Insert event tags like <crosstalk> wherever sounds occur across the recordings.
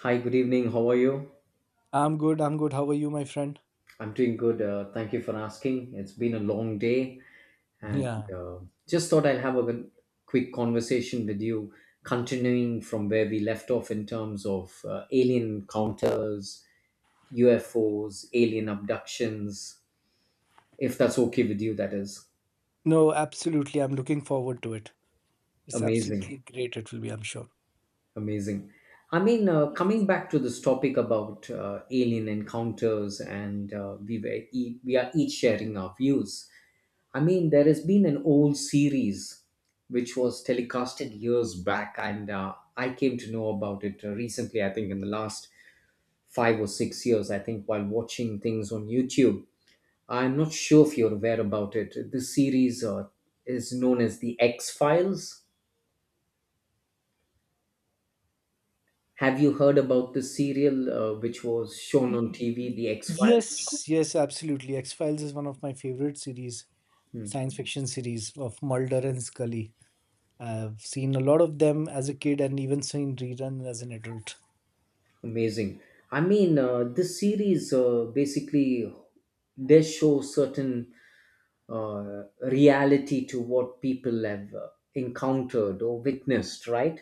Hi, good evening. How are you? I'm good. I'm good. How are you, my friend? I'm doing good. Thank you for asking. It's been a long day, and Yeah. uh, just thought I'll have a quick conversation with you, continuing from where we left off in terms of alien encounters, UFOs, alien abductions. If that's okay with you, that is No, absolutely. I'm looking forward to it. It's amazing, absolutely great. It will be, I'm sure. amazing. I mean, coming back to this topic about alien encounters, and we are each sharing our views. I mean, there has been an old series which was telecasted years back, and I came to know about it recently. I think in the last five or six years, I think while watching things on YouTube. I'm not sure if you're aware about it. This series is known as the X Files. Have you heard about the serial which was shown on TV, the X Files? Yes, yes, absolutely. X Files is one of my favorite series, Hmm, science fiction series of Mulder and Scully. I've seen a lot of them as a kid and even seen rerun as an adult. amazing. I mean, this series basically does show certain reality to what people have encountered or witnessed, right?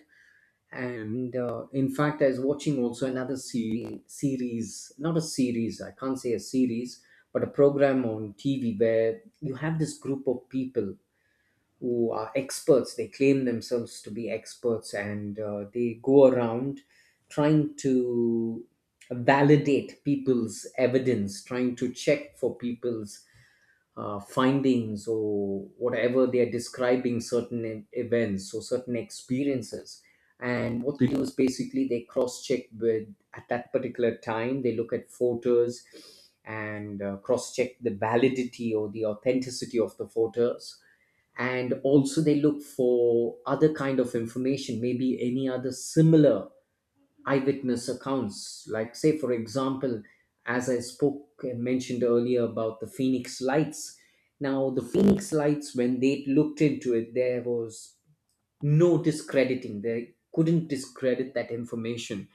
And in fact, I was watching also another series, not a series, I can't say a series, but a program on TV where you have this group of people who are experts. They claim themselves to be experts and they go around trying to validate people's evidence, trying to check for people's findings or whatever they are describing certain events or certain experiences. And what they do is basically they cross check with at that particular time, they look at photos and cross check the validity or the authenticity of the photos. And also, they look for other kind of information, maybe any other similar eyewitness accounts, like, say for example, as I spoke mentioned earlier about the Phoenix lights. Now the Phoenix lights, when they looked into it, there was no discrediting. They couldn't discredit that information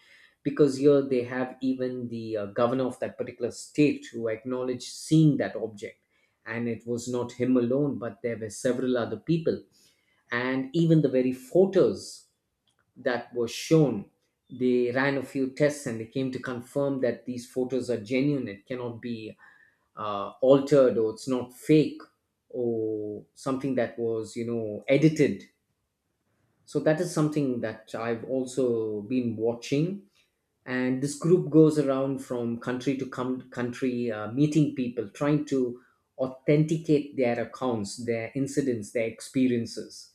because here they have even the governor of that particular state who acknowledged seeing that object, and it was not him alone, but there were several other people. And even the very photos that was shown, they ran a few tests and they came to confirm that these photos are genuine. It cannot be altered or it's not fake or something that was, edited. So that is something that I've also been watching. And this group goes around from country to country, meeting people, trying to authenticate their accounts, their incidents, their experiences.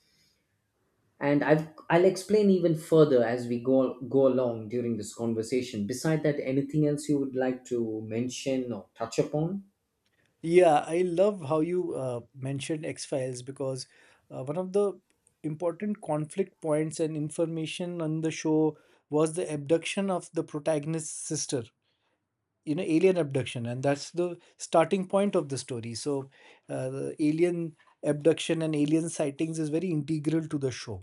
And I'll explain even further as we go along during this conversation. Beside that, anything else you would like to mention or touch upon? Yeah, I love how you mentioned X Files because one of the important conflict points and information on the show was the abduction of the protagonist's sister, you know, alien abduction, and that's the starting point of the story. So the alien abduction and alien sightings is very integral to the show.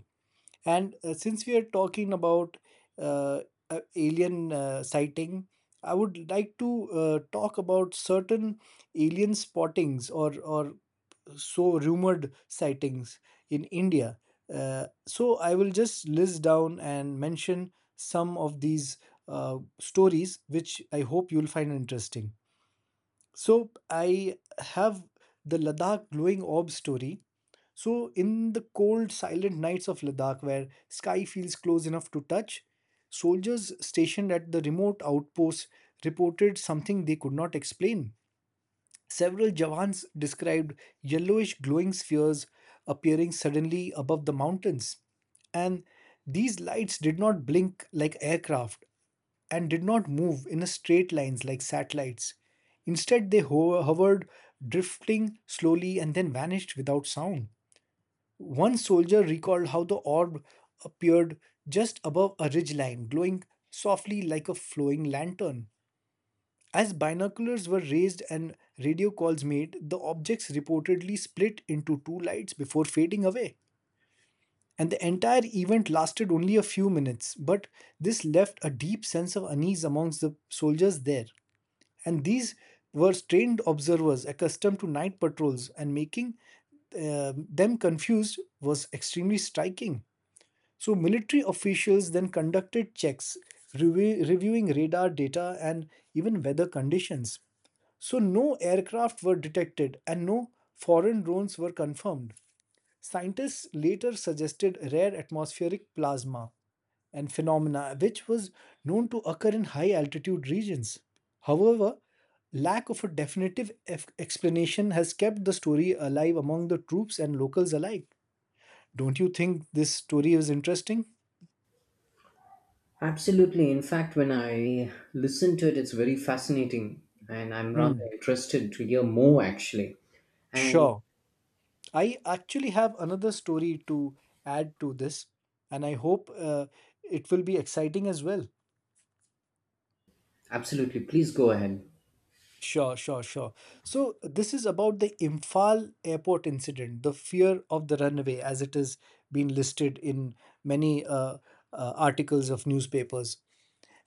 And since we are talking about uh, alien sighting, I would like to talk about certain alien spottings or so rumored sightings in India. So I will just list down and mention some of these stories, which I hope you'll find interesting. So I have the Ladakh glowing orb story. So in the cold, silent nights of Ladakh, where sky feels close enough to touch, soldiers stationed at the remote outposts reported something they could not explain. Several Jawans described yellowish glowing spheres appearing suddenly above the mountains. And these lights did not blink like aircraft and did not move in a straight lines like satellites. Instead, they hovered, drifting slowly and then vanished without sound. One soldier recalled how the orb appeared just above a ridgeline, glowing softly like a flowing lantern. As binoculars were raised and radio calls made, the objects reportedly split into two lights before fading away. And the entire event lasted only a few minutes, but this left a deep sense of unease amongst the soldiers there. And these were trained observers accustomed to night patrols, and making them confused was extremely striking. So, military officials then conducted checks, reviewing radar data and even weather conditions. So, no aircraft were detected and no foreign drones were confirmed. Scientists later suggested rare atmospheric plasma and phenomena which was known to occur in high altitude regions. However, lack of a definitive explanation has kept the story alive among the troops and locals alike. Don't you think this story is interesting? Absolutely, in fact, when I listen to it, it's very fascinating, and I'm rather Hmm, interested to hear more actually. And sure. I actually have another story to add to this, and I hope it will be exciting as well. absolutely, please go ahead. Sure, sure, sure. So, this is about the Imphal airport incident, the fear of the runaway, as it has been listed in many articles of newspapers.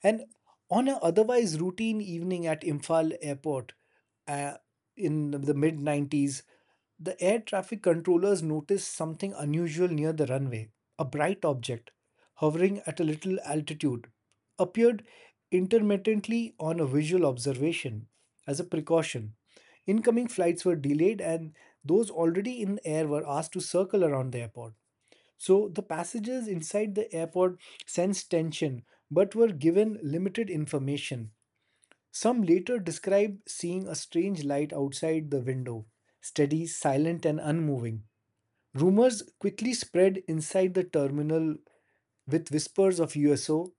And on an otherwise routine evening at Imphal airport uh, in the mid 90s, the air traffic controllers noticed something unusual near the runway. A bright object, hovering at a little altitude, appeared intermittently on a visual observation as a precaution. Incoming flights were delayed, and those already in air were asked to circle around the airport. So the passengers inside the airport sensed tension but were given limited information. Some later described seeing a strange light outside the window, steady, silent, and unmoving. Rumors quickly spread inside the terminal with whispers of USO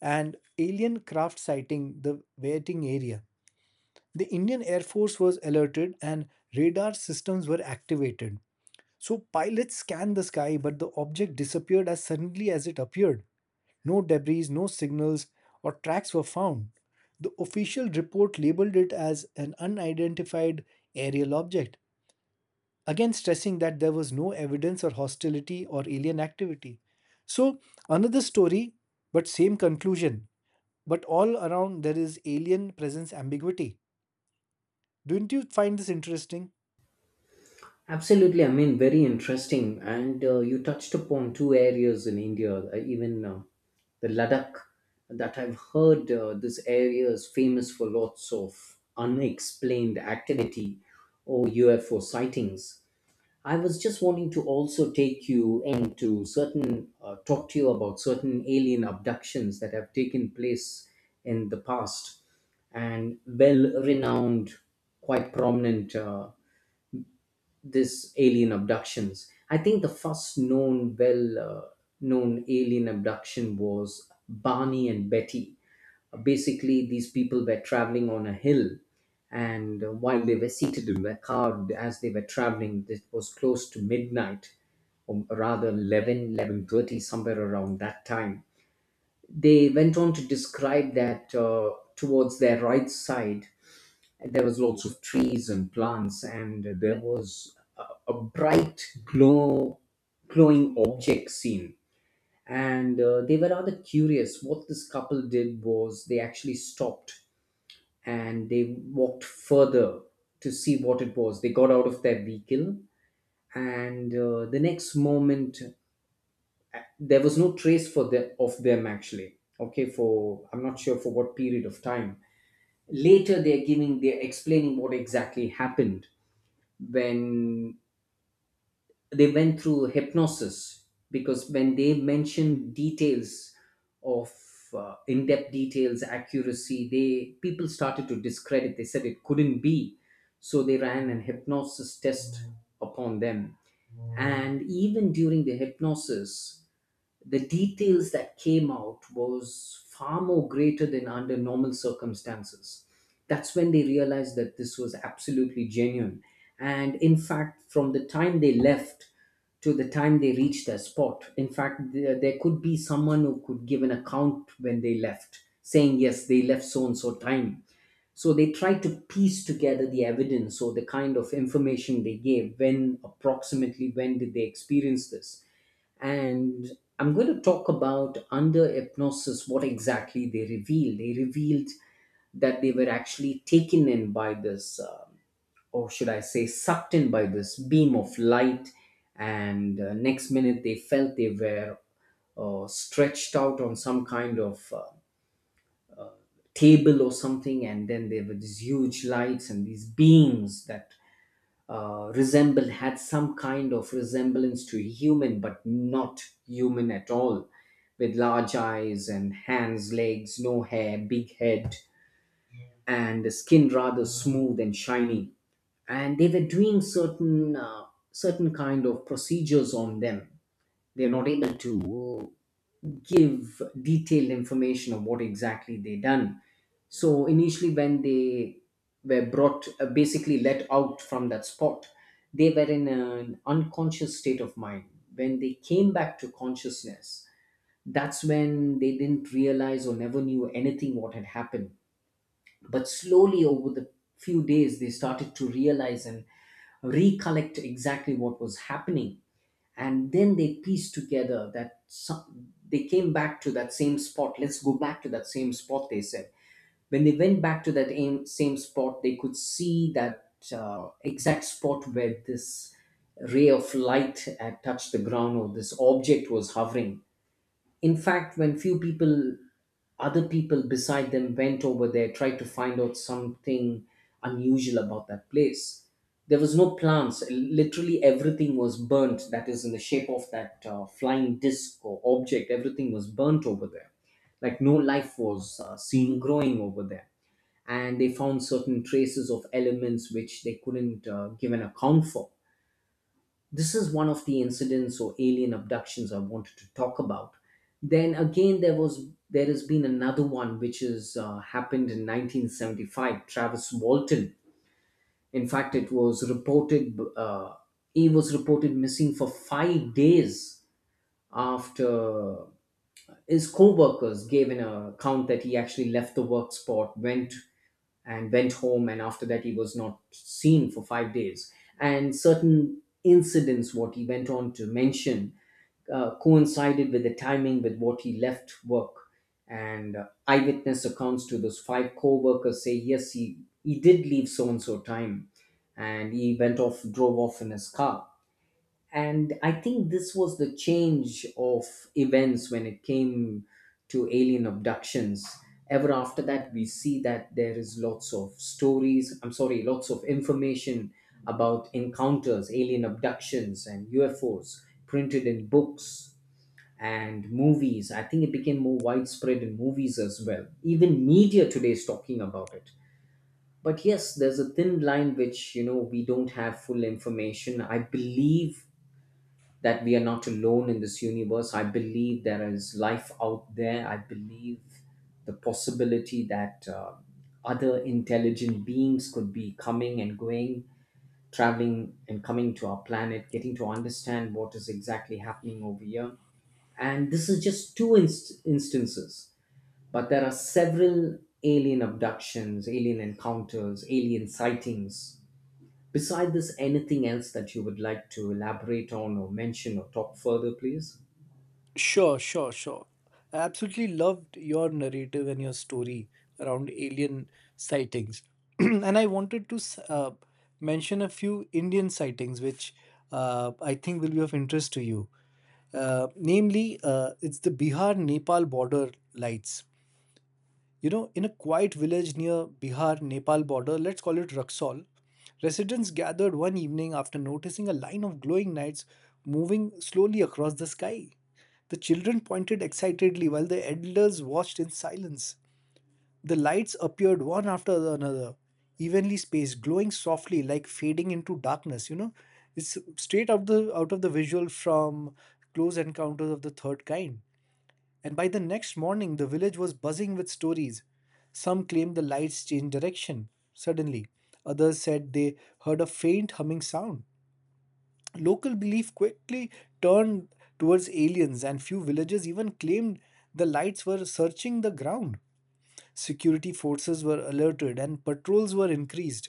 and alien craft sighting the waiting area. The Indian Air Force was alerted and radar systems were activated. So pilots scanned the sky, but the object disappeared as suddenly as it appeared. No debris, no signals, or tracks were found. The official report labeled it as an unidentified aerial object, again stressing that there was no evidence or hostility or alien activity. So, another story, but same conclusion. But all around there is alien presence ambiguity. Don't you find this interesting? Absolutely, I mean, very interesting. And you touched upon two areas in India, even the Ladakh, that I've heard this area is famous for lots of unexplained activity or UFO sightings. I was just wanting to also take you into certain, talk to you about certain alien abductions that have taken place in the past, and well renowned, quite prominent. This alien abductions. I think the first known, known alien abduction was Barney and Betty. Basically, these people were traveling on a hill, and while they were seated in their car as they were traveling, it was close to midnight, or rather 11:30, somewhere around that time. They went on to describe that towards their right side, there was lots of trees and plants, and there was a bright glowing object seen. And they were rather curious. What this couple did was they actually stopped and they walked further to see what it was. They got out of their vehicle, and the next moment there was no trace of them actually. Okay, for I'm not sure for what period of time. Later, they're explaining what exactly happened when they went through hypnosis, because when they mentioned details of in-depth details, accuracy, they, people started to discredit. They said it couldn't be. So they ran an hypnosis test upon them, and even during the hypnosis, the details that came out was far more greater than under normal circumstances. That's when they realized that this was absolutely genuine. And in fact, from the time they left to the time they reached their spot, in fact, there could be someone who could give an account when they left, saying yes, they left so and so time. So they tried to piece together the evidence or the kind of information they gave, when approximately when did they experience this. And I'm going to talk about under hypnosis what exactly they revealed. They revealed that they were actually taken in by this, or should I say, sucked in by this beam of light, and next minute they felt they were stretched out on some kind of table or something, and then there were these huge lights and these beams that resemble had some kind of resemblance to human, but not human at all, with large eyes and hands, legs, no hair, big head, and skin rather smooth and shiny. And they were doing certain certain kind of procedures on them. They're not able to give detailed information of what exactly they done. So initially, when they were brought, basically let out from that spot, they were in an unconscious state of mind. When they came back to consciousness, that's when they didn't realize or never knew anything what had happened. But slowly over the few days, they started to realize and recollect exactly what was happening. And then they pieced together that they came back to that same spot. Let's go back to that same spot, they said. When they went back to that same spot, they could see that exact spot where this ray of light had touched the ground or this object was hovering. In fact, when few people, other people beside them went over there, tried to find out something unusual about that place. There was no plants. Literally everything was burnt. That is in the shape of that flying disc or object. Everything was burnt over there. Like no life was seen growing over there, and they found certain traces of elements which they couldn't give an account for. This is one of the incidents or alien abductions I wanted to talk about. Then again, there has been another one which has happened in 1975. Travis Walton. In fact, it was reported, he was reported missing for 5 days after his co-workers gave an account that he actually left the work spot went and went home, and after that he was not seen for 5 days. And certain incidents what he went on to mention coincided with the timing with what he left work. And eyewitness accounts to those five co-workers say yes, he did leave so and so time, and he went off, drove off in his car. And I think this was the change of events when it came to alien abductions. Ever after that, we see that there is lots of stories, I'm sorry, lots of information about encounters, alien abductions, and UFOs printed in books and movies. I think it became more widespread in movies as well. Even media today is talking about it. But yes, there's a thin line which, you know, we don't have full information. I believe that we are not alone in this universe. I believe there is life out there. I believe the possibility that other intelligent beings could be coming and going, traveling and coming to our planet, getting to understand what is exactly happening over here. And this is just two instances, but there are several alien abductions, alien encounters, alien sightings. Beside this, anything else that you would like to elaborate on or mention or talk further, please? Sure, sure, sure. I absolutely loved your narrative and your story around alien sightings. <clears throat> And I wanted to mention a few Indian sightings, which I think will be of interest to you. Namely, it's the Bihar Nepal border lights. You know, in a quiet village near Bihar Nepal border, let's call it Raxaul, residents gathered one evening after noticing a line of glowing lights moving slowly across the sky. The children pointed excitedly while the elders watched in silence. The lights appeared one after the another, evenly spaced, glowing softly like fading into darkness, you know. It's straight out of the visual from Close Encounters of the Third Kind, and by the next morning the village was buzzing with stories. Some claimed the lights changed direction suddenly, others said they heard a faint humming sound. Local belief quickly turned towards aliens, and few villagers even claimed the lights were searching the ground. Security forces were alerted and patrols were increased.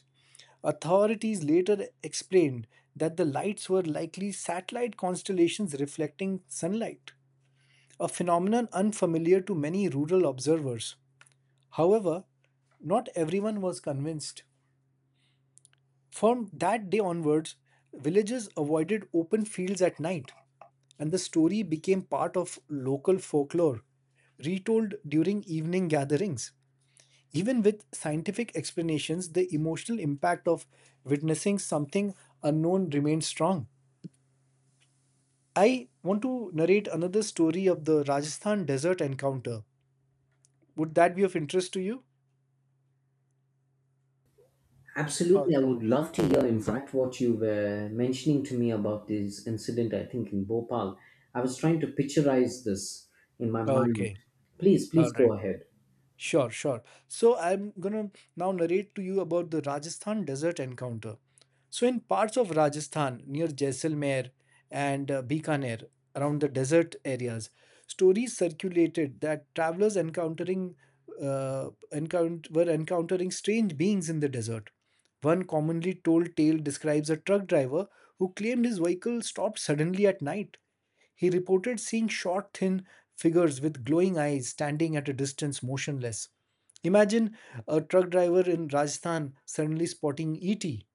Authorities later explained that the lights were likely satellite constellations reflecting sunlight, a phenomenon unfamiliar to many rural observers. However, not everyone was convinced. From that day onwards, villages avoided open fields at night, and the story became part of local folklore, retold during evening gatherings. Even with scientific explanations, the emotional impact of witnessing something unknown remains strong. I want to narrate another story of the Rajasthan desert encounter. Would that be of interest to you? Uh, Absolutely, I would love to hear. In fact, what you were mentioning to me about this incident, I think in Bhopal, I was trying to picturize this in my mind. Okay. Please, All please right. go ahead. Sure, sure. So I'm gonna now narrate to you about the Rajasthan desert encounter. So, in parts of Rajasthan near Jaisalmer and Bikaner, around the desert areas, stories circulated that travelers encountering were encountering strange beings in the desert. One commonly told tale describes a truck driver who claimed his vehicle stopped suddenly at night. He reported seeing short, thin figures with glowing eyes standing at a distance motionless. Imagine a truck driver in Rajasthan suddenly spotting ET.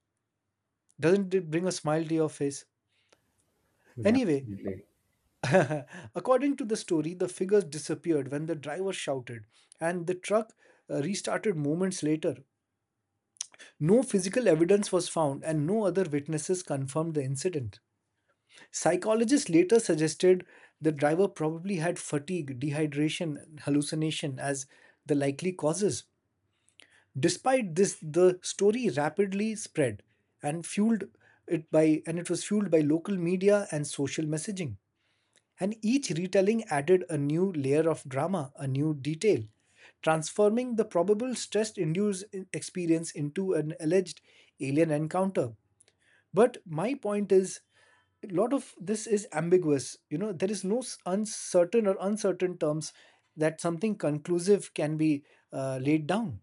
Doesn't it bring a smile to your face? Anyway, Absolutely. <laughs> according to the story, the figures disappeared when the driver shouted, and the truck restarted moments later. No physical evidence was found, and no other witnesses confirmed the incident. Psychologists later suggested the driver probably had fatigue, dehydration, and hallucination as the likely causes. Despite this, the story rapidly spread and fueled it by and it was fueled by local media and social messaging. And each retelling added a new layer of drama, a new detail, transforming the probable stress induced experience into an alleged alien encounter. But my point is, a lot of this is ambiguous. You know, there is no s- uncertain or uncertain terms that something conclusive can be laid down.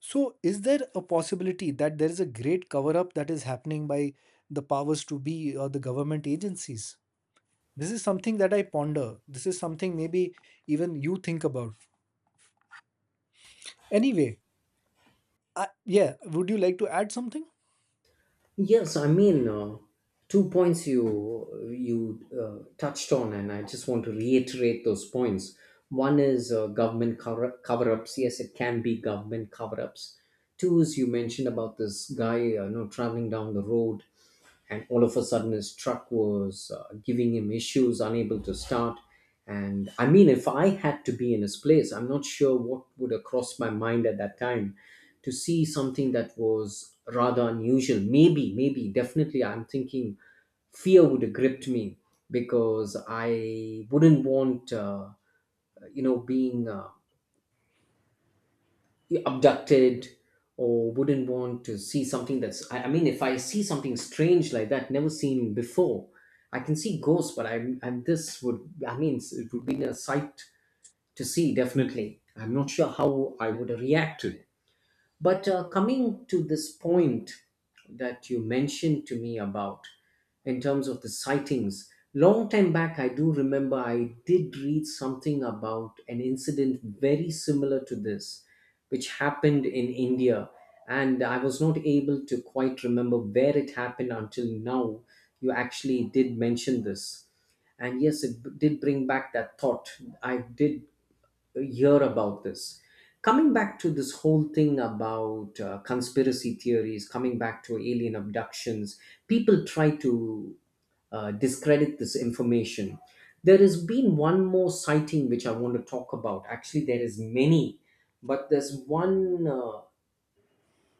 So, is there a possibility that there is a great cover up that is happening by the powers to be or the government agencies? This is something that I ponder. This is something maybe even you think about. Anyway, I, yeah, would you like to add something? Yes, I mean, two points you touched on, and I just want to reiterate those points. One is government cover ups. Yes, it can be government cover ups. Two is you mentioned about this guy, traveling down the road and all of a sudden his truck was giving him issues, unable to start. And I mean, if I had to be in his place, I'm not sure what would have crossed my mind at that time to see something that was rather unusual. Maybe definitely, I'm thinking fear would have gripped me, because I wouldn't want being abducted, or wouldn't want to see something that's I mean, if I see something strange like that, never seen before. I can see ghosts, but and this would I mean, it would be a sight to see. Definitely I'm not sure how I would react to it. But coming to this point that you mentioned to me about, in terms of the sightings, long time back, I do remember I did read something about an incident very similar to this, which happened in India. And I was not able to quite remember where it happened until now. You actually did mention this, and yes, did bring back that thought. I did hear about this. Coming back to this whole thing about conspiracy theories, coming back to alien abductions, people try to discredit this information. There has been one more sighting which I want to talk about. Actually, there is many, but there's one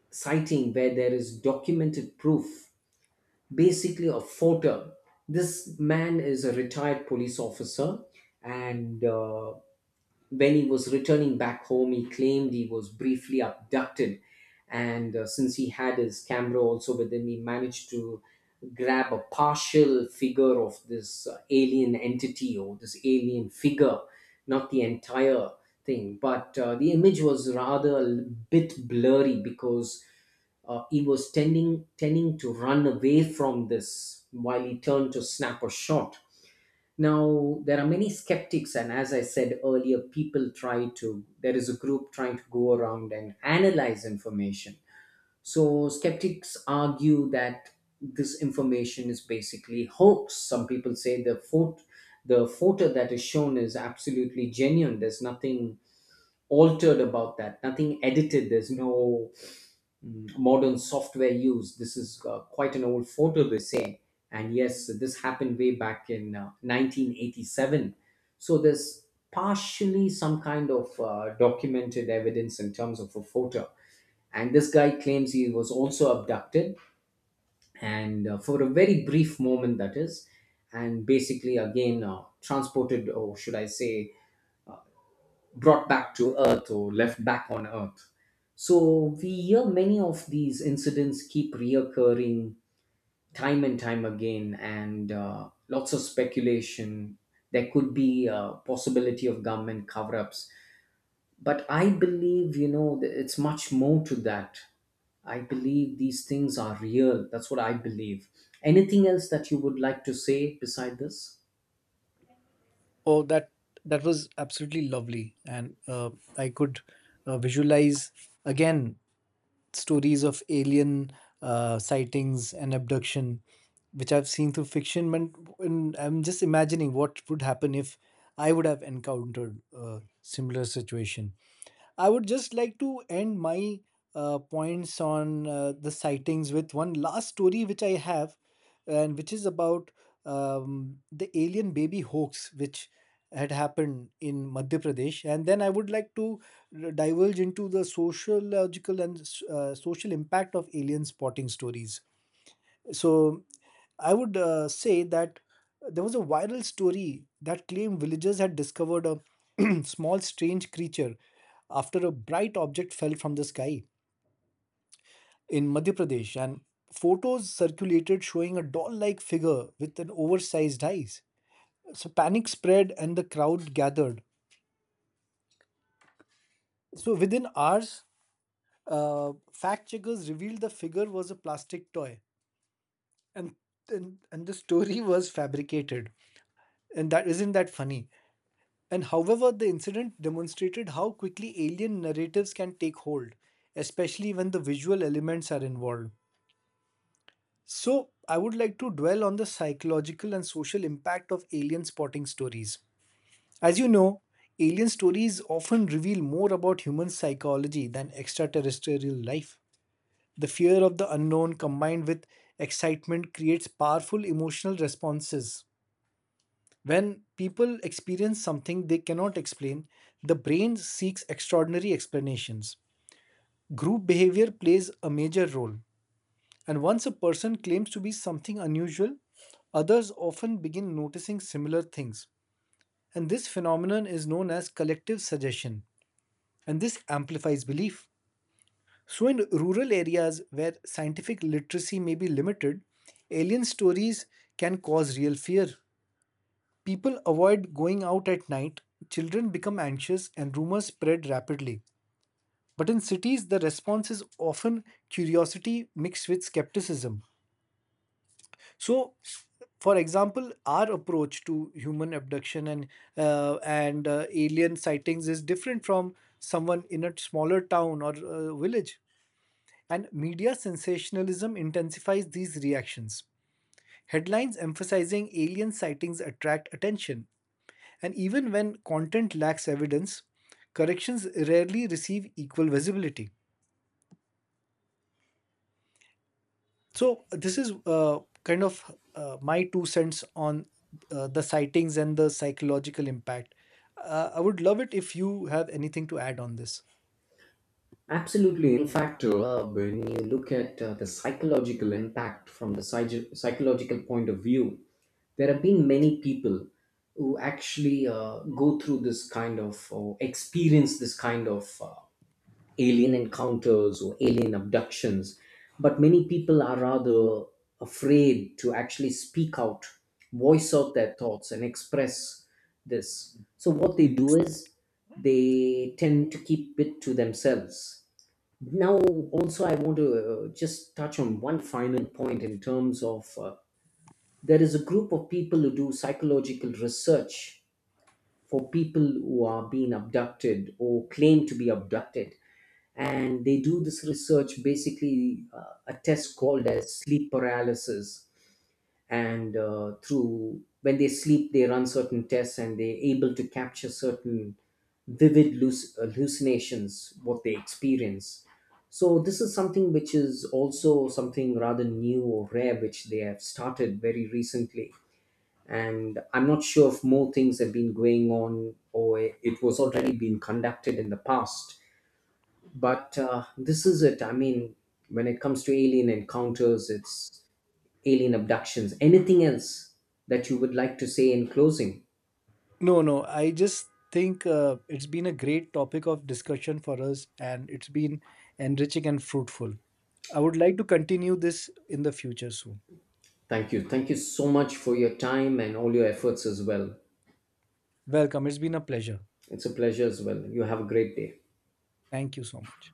sighting where there is documented proof, basically a photo. This man is a retired police officer, and when he was returning back home, he claimed he was briefly abducted. And since he had his camera also with him, he managed to grab a partial figure of this alien entity or this alien figure, not the entire thing. But the image was rather a bit blurry because he was tending to run away from this while he turned to snap a shot. Now, there are many skeptics, and as I said earlier, there is a group trying to go around and analyze information. So skeptics argue that this information is basically hoax. Some people say the photo that is shown is absolutely genuine. There's nothing altered about that, nothing edited. There's no modern software use. This is quite an old photo, they say. And yes, this happened way back in 1987. So there's partially some kind of documented evidence in terms of a photo. And this guy claims he was also abducted, and for a very brief moment, that is, and basically again transported, or should I say, brought back to earth, or left back on earth. So we hear many of these incidents keep reoccurring time and time again, and lots of speculation. There could be a possibility of government cover ups. But I believe, you know, it's much more to that. I believe these things are real. That's what I believe. Anything else that you would like to say beside this? Oh, that was absolutely lovely, and I could visualize again stories of alien sightings and abduction, which I've seen through fiction. And I'm just imagining what would happen if I would have encountered a similar situation. I would just like to end my points on the sightings with one last story which I have, and which is about the alien baby hoax which had happened in Madhya Pradesh. And then I would like to diverge into the sociological and social impact of alien spotting stories. So I would say that there was a viral story that claimed villagers had discovered a <clears throat> small strange creature after a bright object fell from the sky in Madhya Pradesh, and photos circulated showing a doll like figure with an oversized eyes. So panic spread and the crowd gathered. So within hours, fact checkers revealed the figure was a plastic toy, and and the story was fabricated. And that isn't that funny? And however, the incident demonstrated how quickly alien narratives can take hold, especially when the visual elements are involved. So, I would like to dwell on the psychological and social impact of alien spotting stories. As you know, alien stories often reveal more about human psychology than extraterrestrial life. The fear of the unknown combined with excitement creates powerful emotional responses. When people experience something they cannot explain, the brain seeks extraordinary explanations. Group behavior plays a major role, and once a person claims to be something unusual, others often begin noticing similar things. And this phenomenon is known as collective suggestion, and this amplifies belief. So, in rural areas where scientific literacy may be limited, alien stories can cause real fear. People avoid going out at night, children become anxious, and rumors spread rapidly. But in cities, the response is often curiosity mixed with skepticism. So, for example, our approach to human abduction and alien sightings is different from someone in a smaller town or village. And media sensationalism intensifies these reactions. Headlines emphasizing alien sightings attract attention, and even when content lacks evidence, corrections rarely receive equal visibility. So, this is kind of my two cents on the sightings and the psychological impact. I would love it if you have anything to add on this. Absolutely. In fact, when you look at the psychological impact from the psychological point of view, there have been many people who actually go through this kind of, or experience this kind of alien encounters or alien abductions, but many people are rather afraid to actually speak out, voice out their thoughts, and express this. So what they do is they tend to keep it to themselves. Now, also, I want to just touch on one final point in terms of there is a group of people who do psychological research for people who are being abducted or claim to be abducted. And they do this research, basically a test called as sleep paralysis. And through, when they sleep, they run certain tests, and they're able to capture certain vivid hallucinations, what they experience. So this is something which is also something rather new or rare, which they have started very recently. And I'm not sure if more things have been going on or it was already been conducted in the past. But this is it. I mean, when it comes to alien encounters, it's alien abductions. Anything else that you would like to say in closing? No, no, I just think it's been a great topic of discussion for us and it's been enriching and fruitful. I would like to continue this in the future soon. Thank you. Thank you so much for your time and all your efforts as well. Welcome, it's been a pleasure. It's a pleasure as well. You have a great day. Thank you so much.